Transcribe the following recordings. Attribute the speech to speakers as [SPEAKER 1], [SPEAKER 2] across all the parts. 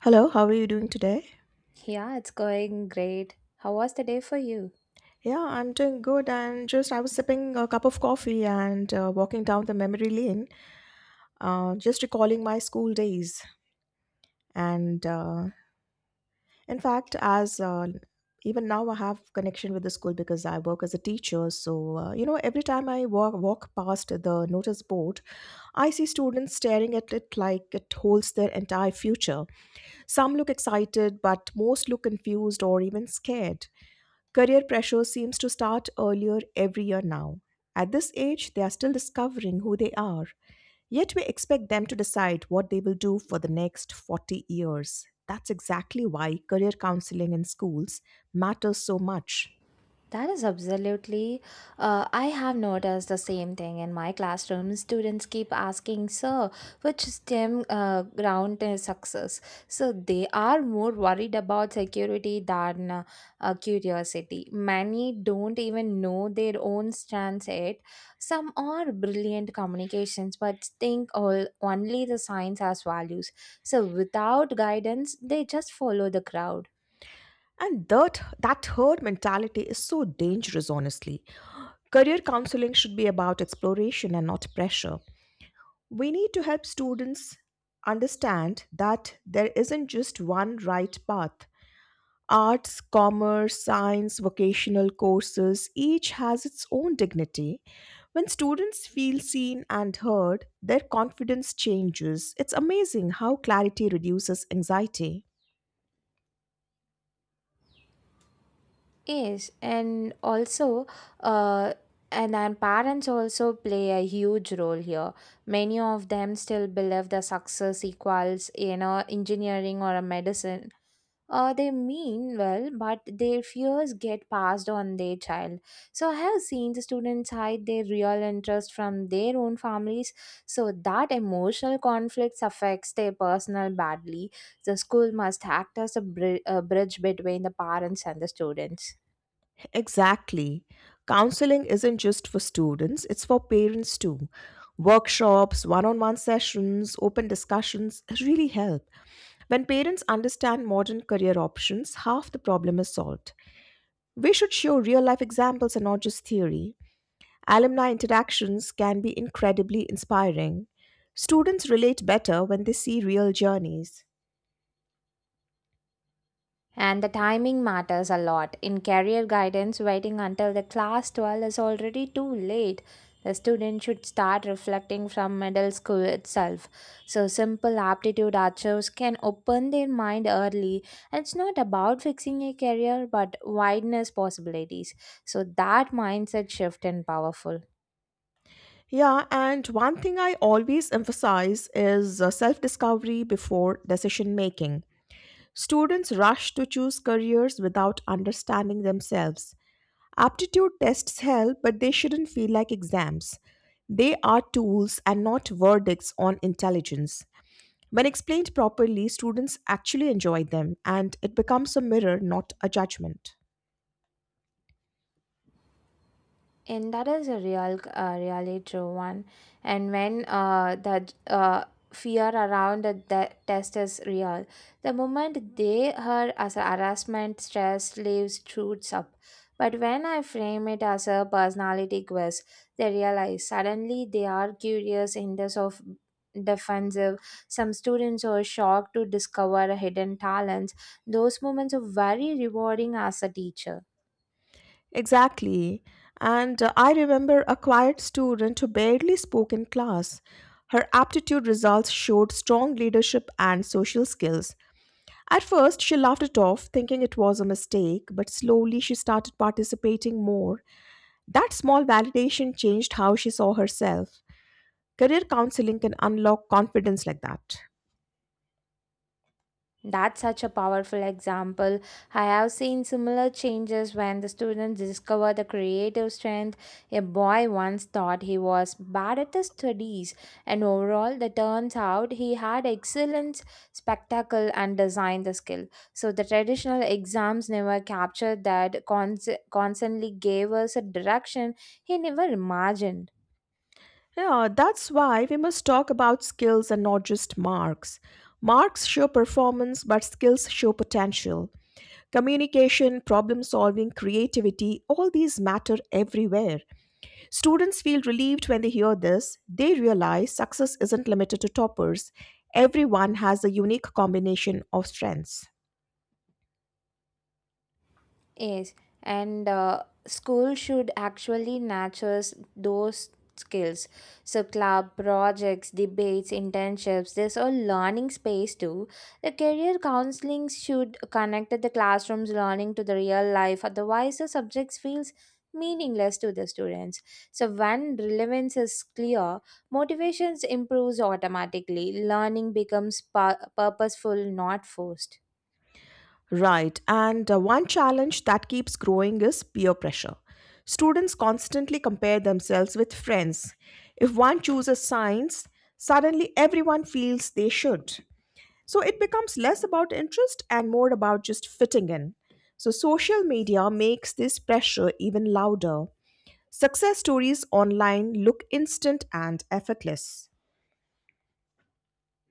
[SPEAKER 1] Hello, how are you doing today?
[SPEAKER 2] Yeah, it's going great. How was the day for you?
[SPEAKER 1] Yeah, I'm doing good. And just I was sipping a cup of coffee and walking down the memory lane. Just recalling my school days. And in fact, as Even now I have connection with the school because I work as a teacher. Every time I walk past the notice board, I see students staring at it like it holds their entire future. Some look excited, but most look confused or even scared. Career pressure seems to start earlier every year now. At this age, they are still discovering who they are, yet we expect them to decide what they will do for the next 40 years. That's exactly why career counseling in schools matters so much.
[SPEAKER 2] That is absolutely. I have noticed the same thing in my classroom. Students keep asking, Sir, which STEM ground is success? So they are more worried about security than curiosity. Many don't even know their own strands yet. Some are brilliant communications, but think all only the science has values. So without guidance, they just follow the crowd.
[SPEAKER 1] And that herd mentality is so dangerous, honestly. Career counseling should be about exploration and not pressure. We need to help students understand that there isn't just one right path. Arts, commerce, science, vocational courses, each has its own dignity. When students feel seen and heard, their confidence changes. It's amazing how clarity reduces anxiety.
[SPEAKER 2] Yes, and also, uh, and then parents also play a huge role here. Many of them still believe the success equals, you know, engineering or a medicine. They mean well, but their fears get passed on their child. So I have seen the students hide their real interest from their own families. So that emotional conflicts affects their personal badly. The school must act as a, a bridge between the parents and the students.
[SPEAKER 1] Exactly. Counseling isn't just for students, it's for parents too. Workshops, one on one sessions, open discussions really help. When parents understand modern career options, half the problem is solved. We should show real life examples and not just theory. Alumni interactions can be incredibly inspiring. Students relate better when they see real journeys.
[SPEAKER 2] And the timing matters a lot. In career guidance, waiting until the class 12 is already too late. The student should start reflecting from middle school itself. So, simple aptitude archers can open their mind early. And it's not about fixing a career, but wideness possibilities. So, that mindset shift is powerful.
[SPEAKER 1] Yeah, and one thing I always emphasize is self discovery before decision making. Students rush to choose careers without understanding themselves. Aptitude tests help, but they shouldn't feel like exams. They are tools and not verdicts on intelligence. When explained properly, students actually enjoy them and it becomes a mirror, not a judgment.
[SPEAKER 2] And that is a real, really true one. And when that fear around the test is real, the moment they heard as a harassment, stress leaves shoots up. But when I frame it as a personality quiz, they realize suddenly they are curious in this of defensive. Some students are shocked to discover hidden talents. Those moments are very rewarding as a teacher.
[SPEAKER 1] Exactly. And I remember a quiet student who barely spoke in class. Her aptitude results showed strong leadership and social skills. At first, she laughed it off, thinking it was a mistake, but slowly she started participating more. That small validation changed how she saw herself. Career counseling can unlock confidence like that.
[SPEAKER 2] That's such a powerful example. I have seen similar changes when the students discover the creative strength. A boy once thought he was bad at the studies, and overall, it turns out he had excellence, spectacle, and design the skill. So the traditional exams never captured that, constantly gave us a direction he never imagined.
[SPEAKER 1] Yeah, that's why we must talk about skills and not just marks. Marks show performance, but skills show potential. Communication, problem solving, creativity, all these matter everywhere. Students feel relieved when they hear this. They realize success isn't limited to toppers, everyone has a unique combination of strengths.
[SPEAKER 2] Yes, and School should actually nurtures those skills. So club projects, debates, internships, there's a learning space too. The career counseling should connect the classroom's learning to the real life. Otherwise, the subjects feels meaningless to the students. So when relevance is clear, motivations improves automatically. Learning becomes purposeful, not forced.
[SPEAKER 1] Right. And One challenge that keeps growing is peer pressure. Students constantly compare themselves with friends. If one chooses science, suddenly everyone feels they should. So it becomes less about interest and more about just fitting in. So social media makes this pressure even louder. Success stories online look instant and effortless.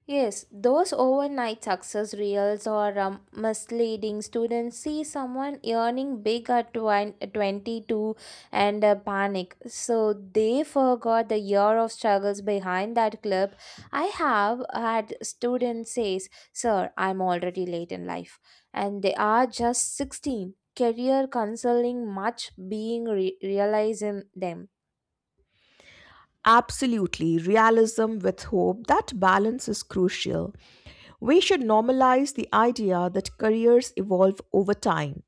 [SPEAKER 2] Yes, those overnight success reels are misleading. Students see someone earning big at 22 and panic. So they forgot the year of struggles behind that clip. I have had students says, "Sir, I'm already late in life," and they are just 16. Career counseling much being realized in them.
[SPEAKER 1] Absolutely, realism with hope, that balance is crucial. We should normalize the idea that careers evolve over time.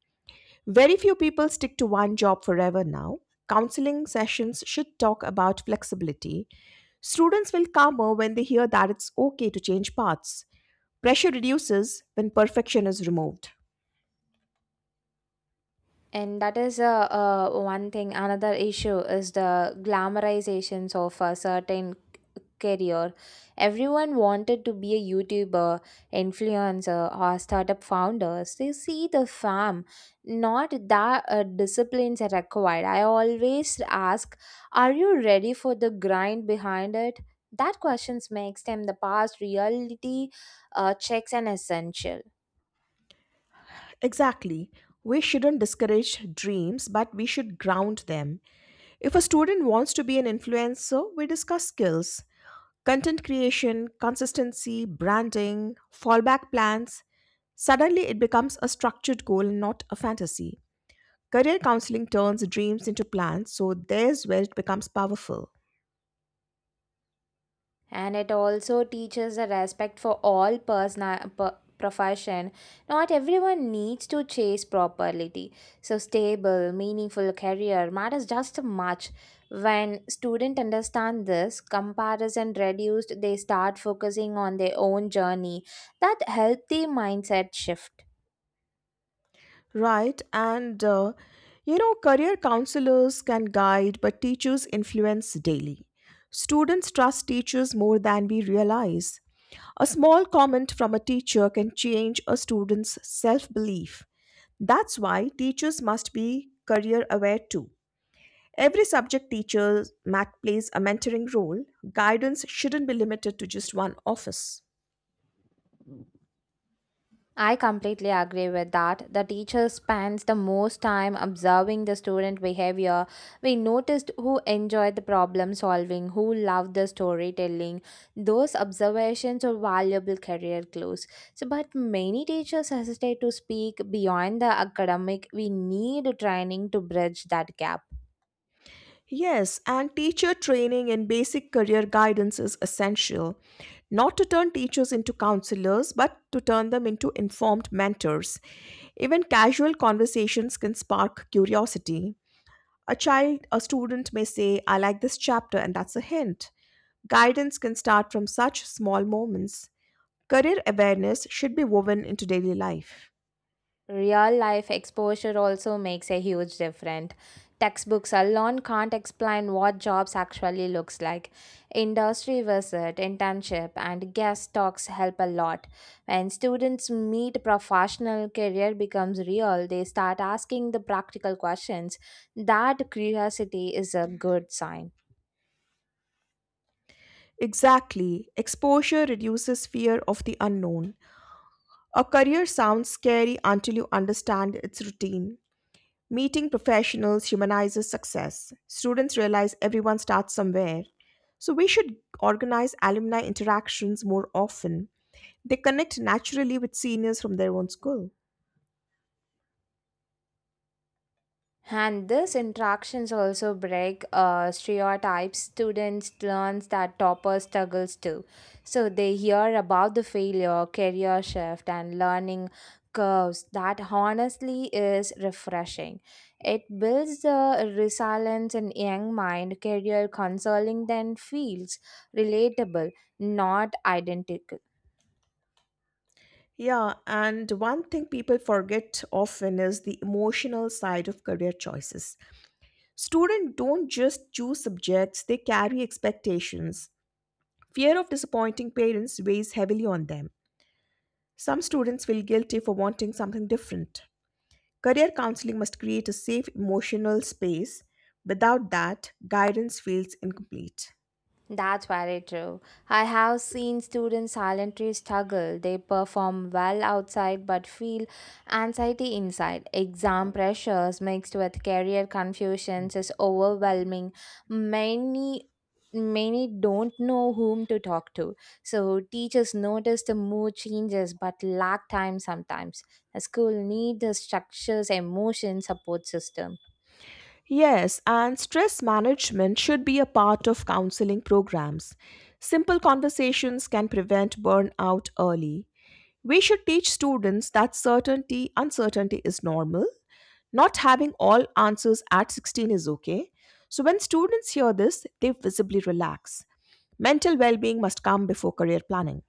[SPEAKER 1] Very few people stick to one job forever now. Counseling sessions should talk about flexibility. Students will calmer when they hear that it's okay to change paths. Pressure reduces when perfection is removed.
[SPEAKER 2] And that is one thing. Another issue is the glamorizations of a certain career. Everyone wanted to be a YouTuber, influencer, or startup founders. They see the fam, not that disciplines are required. I always ask, are you ready for the grind behind it? That questions makes them the past reality checks an essential.
[SPEAKER 1] Exactly. We shouldn't discourage dreams, but we should ground them. If a student wants to be an influencer, we discuss skills. Content creation, consistency, branding, fallback plans. Suddenly, it becomes a structured goal, not a fantasy. Career counseling turns dreams into plans, so there's where it becomes powerful.
[SPEAKER 2] And it also teaches a respect for all person profession, not everyone needs to chase property. So stable meaningful career matters just much. When students understand this comparison reduced, they start focusing on their own journey. That healthy mindset shift.
[SPEAKER 1] Right, and uh, Career counselors can guide, but teachers influence daily. Students trust teachers more than we realize. A small comment from a teacher can change a student's self belief. That's why teachers must be career aware too. Every subject teacher mat plays a mentoring role. Guidance shouldn't be limited to just one office.
[SPEAKER 2] I completely agree with that. The teacher spends the most time observing the student behavior. We noticed who enjoyed the problem solving, who loved the storytelling. Those observations are valuable career clues. So, but many teachers hesitate to speak beyond the academic. We need training to bridge that gap.
[SPEAKER 1] Yes, and teacher training and basic career guidance is essential. Not to turn teachers into counselors, but to turn them into informed mentors. Even casual conversations can spark curiosity. A child, a student may say, I like this chapter, and that's a hint. Guidance can start from such small moments. Career awareness should be woven into daily life.
[SPEAKER 2] Real life exposure also makes a huge difference. Textbooks alone can't explain what jobs actually looks like. Industry visit, internship, and guest talks help a lot. When students meet professional career becomes real, they start asking the practical questions. That curiosity is a good sign.
[SPEAKER 1] Exactly. Exposure reduces fear of the unknown. A career sounds scary until you understand its routine. Meeting professionals humanizes success. Students realize everyone starts somewhere. So we should organize alumni interactions more often. They connect naturally with seniors from their own school.
[SPEAKER 2] And these interactions also break stereotypes. Students learn that topper struggles too. So they hear about the failure, career shift, and learning curves. That honestly is refreshing. It builds the resilience in young mind. Career counseling then feels relatable, not identical.
[SPEAKER 1] Yeah, and one thing people forget often is the emotional side of career choices. Students don't just choose subjects, they carry expectations. Fear of disappointing parents weighs heavily on them. Some students feel guilty for wanting something different. Career counseling must create a safe emotional space. Without that, guidance feels incomplete.
[SPEAKER 2] That's very true. I have seen students silently struggle. They perform well outside but feel anxiety inside. Exam pressures mixed with career confusions is overwhelming. Many many don't know whom to talk to. So teachers notice the mood changes but lack time sometimes. The school needs a structures, emotion support system.
[SPEAKER 1] Yes, and stress management should be a part of counseling programs. Simple conversations can prevent burnout early. We should teach students that certainty, uncertainty is normal. Not having all answers at 16 is okay. So when students hear this, they visibly relax. Mental well-being must come before career planning.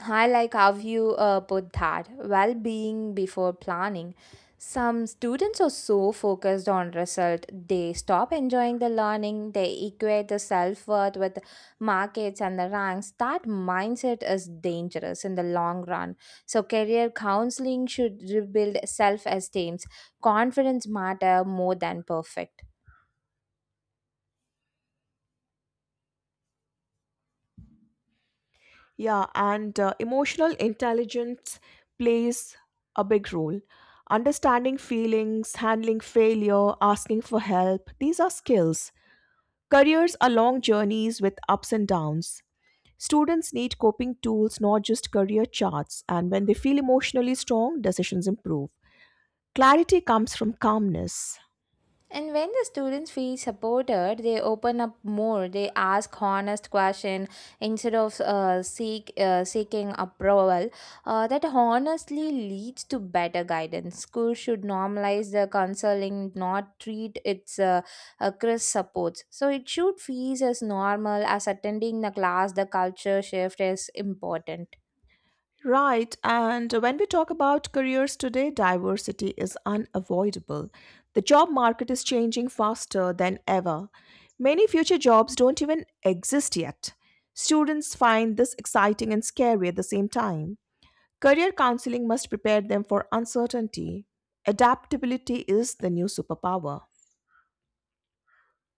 [SPEAKER 2] I like how you put that well being before planning. Some students are so focused on result, they stop enjoying the learning, they equate the self worth with markets and the ranks. That mindset is dangerous in the long run. So, career counseling should rebuild self esteem. Confidence matter more than perfect.
[SPEAKER 1] Yeah, and Emotional intelligence plays a big role. Understanding feelings, handling failure, asking for help, these are skills. Careers are long journeys with ups and downs. Students need coping tools, not just career charts, and when they feel emotionally strong, decisions improve. Clarity comes from calmness.
[SPEAKER 2] And when the students feel supported, they open up more. They ask honest question instead of seeking approval. That honestly leads to better guidance. School should normalize the counseling, not treat its crisp supports. So it should feel as normal as attending the class. The culture shift is important.
[SPEAKER 1] Right, and when we talk about careers today, diversity is unavoidable. The job market is changing faster than ever. Many future jobs don't even exist yet. Students find this exciting and scary at the same time. Career counseling must prepare them for uncertainty. Adaptability is the new superpower.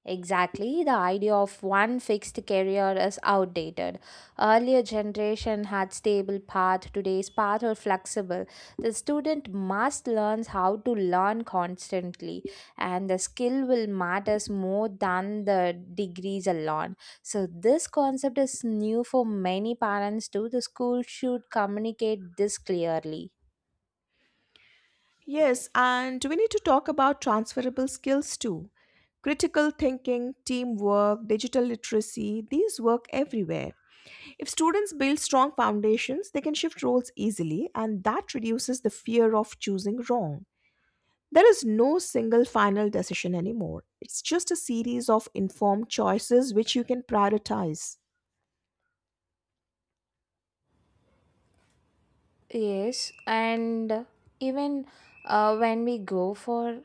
[SPEAKER 2] Exactly, the idea of one fixed career is outdated. Earlier generation had stable path, today's path are flexible. The student must learn how to learn constantly and the skill will matters more than the degrees alone. So this concept is new for many parents too. The school should communicate this clearly.
[SPEAKER 1] Yes, and we need to talk about transferable skills too. Critical thinking, teamwork, digital literacy, these work everywhere. If students build strong foundations, they can shift roles easily, and that reduces the fear of choosing wrong. There is no single final decision anymore. It's just a series of informed choices which you can prioritize.
[SPEAKER 2] Yes, and even when we go for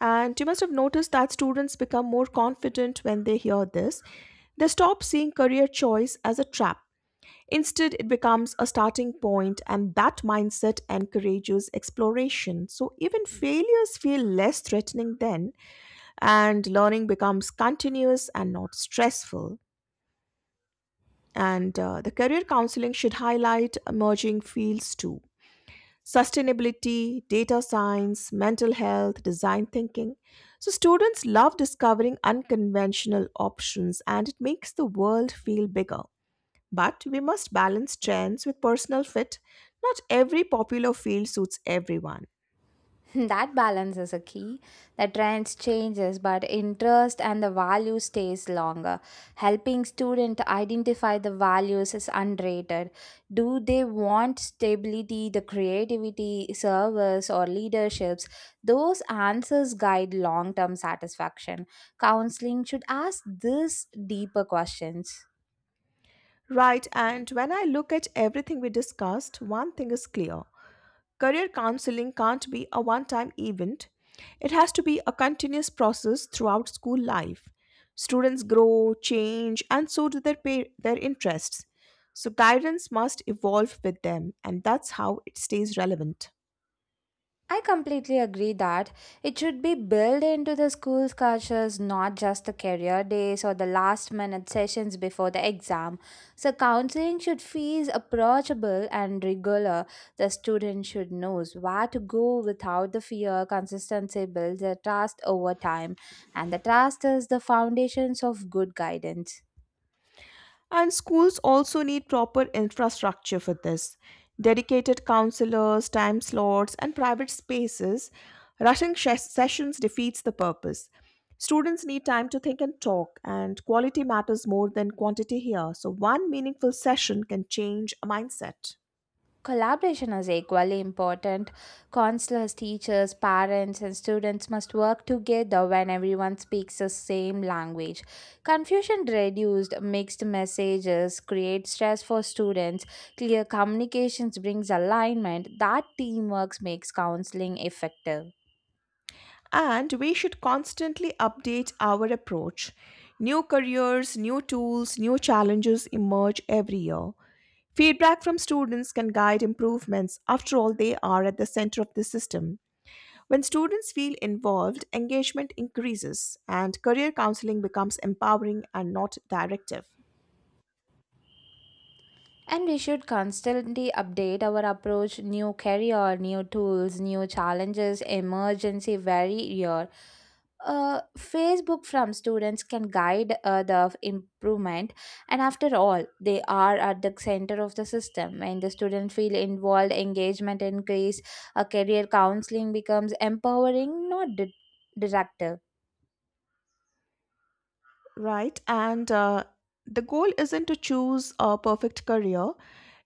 [SPEAKER 1] And you must have noticed that students become more confident when they hear this. They stop seeing career choice as a trap. Instead, it becomes a starting point, and that mindset encourages exploration. So, even failures feel less threatening then and learning becomes continuous and not stressful. And The career counseling should highlight emerging fields too: sustainability, data science, mental health, design thinking. So, students love discovering unconventional options and it makes the world feel bigger. But we must balance trends with personal fit. Not every popular field suits everyone.
[SPEAKER 2] That balance is a key. The trends changes but interest and the value stays longer. Helping student identify the values is underrated. Do they want stability the creativity service or leaderships? Those answers guide long-term satisfaction. Counseling should ask these deeper questions.
[SPEAKER 1] Right, and when I look at everything we discussed, one thing is clear. Career counseling can't be a one time event, it has to be a continuous process throughout school life. Students grow, change, and so do their interests. So, guidance must evolve with them, and that's how it stays relevant.
[SPEAKER 2] I completely agree that it should be built into the school's cultures, not just the career days or the last minute sessions before the exam. So, counseling should feel approachable and regular. The student should know where to go without the fear. Consistency builds a trust over time, and the trust is the foundations of good guidance.
[SPEAKER 1] And schools also need proper infrastructure for this: dedicated counselors, time slots, and private spaces. Rushing sessions defeats the purpose. Students need time to think and talk, and quality matters more than quantity here. So, one meaningful session can change a mindset.
[SPEAKER 2] Collaboration is equally important. Counselors, teachers, parents, and students must work together when everyone speaks the same language. Confusion reduced, mixed messages create stress for students. Clear communications brings alignment. That teamwork makes counseling effective.
[SPEAKER 1] And we should constantly update our approach. New careers, new tools, new challenges emerge every year. Feedback from students can guide improvements. After all, they are at the center of the system. When students feel involved, engagement increases and career counseling becomes empowering and not directive.
[SPEAKER 2] And we should constantly update our approach. New career, new tools, new challenges, emergency very year. Facebook from students can guide the improvement, and after all, they are at the center of the system. When the student feel involved, engagement increase, a career counseling becomes empowering, not directive.
[SPEAKER 1] Right. And The goal isn't to choose a perfect career,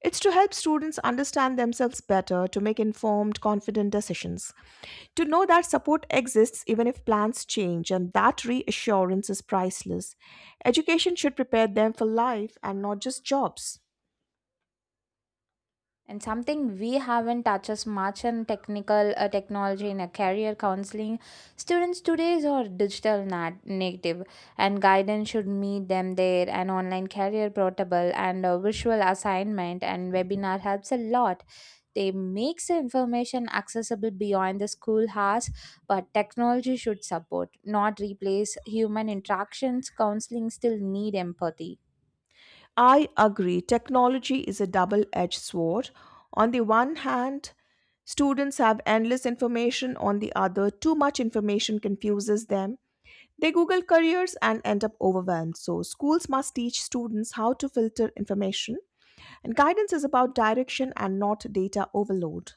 [SPEAKER 1] it's to help students understand themselves better, to make informed, confident decisions, to know that support exists even if plans change, and that reassurance is priceless. Education should prepare them for life and not just jobs.
[SPEAKER 2] And something we haven't touched as much on technical technology in a career counseling, students today are digital native, and guidance should meet them there. And online career portable and a visual assignment and webinar helps a lot. They makes the information accessible beyond the school hours, but technology should support, not replace human interactions. Counseling still need empathy.
[SPEAKER 1] I agree, technology is a double edged sword. On the one hand, students have endless information; on the other, too much information confuses them. They Google careers and end up overwhelmed. So, schools must teach students how to filter information, and guidance is about direction and not data overload.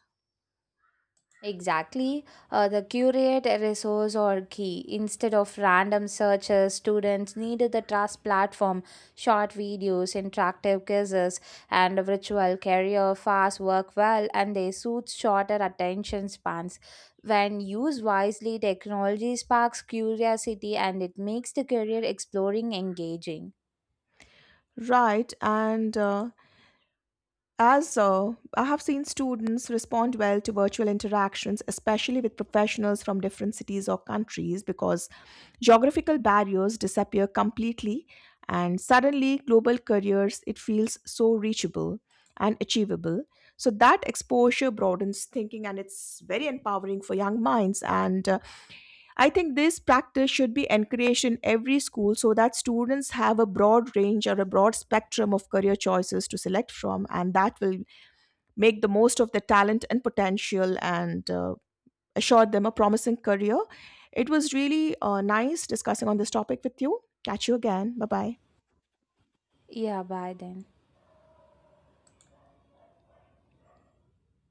[SPEAKER 2] Exactly. The curate resource or key. Instead of random searches, students needed the trust platform, short videos, interactive quizzes, and a virtual career fast work well and they suit shorter attention spans. When used wisely, technology sparks curiosity and it makes the career exploring engaging.
[SPEAKER 1] Right, and As I have seen students respond well to virtual interactions, especially with professionals from different cities or countries, because geographical barriers disappear completely and suddenly global careers, it feels so reachable and achievable. So that exposure broadens thinking and it's very empowering for young minds. And I think this practice should be encouraged in every school so that students have a broad range or a broad spectrum of career choices to select from, and that will make the most of their talent and potential and assured them a promising career. It was really nice discussing on this topic with you. Catch you again. Bye bye.
[SPEAKER 2] Yeah, bye then.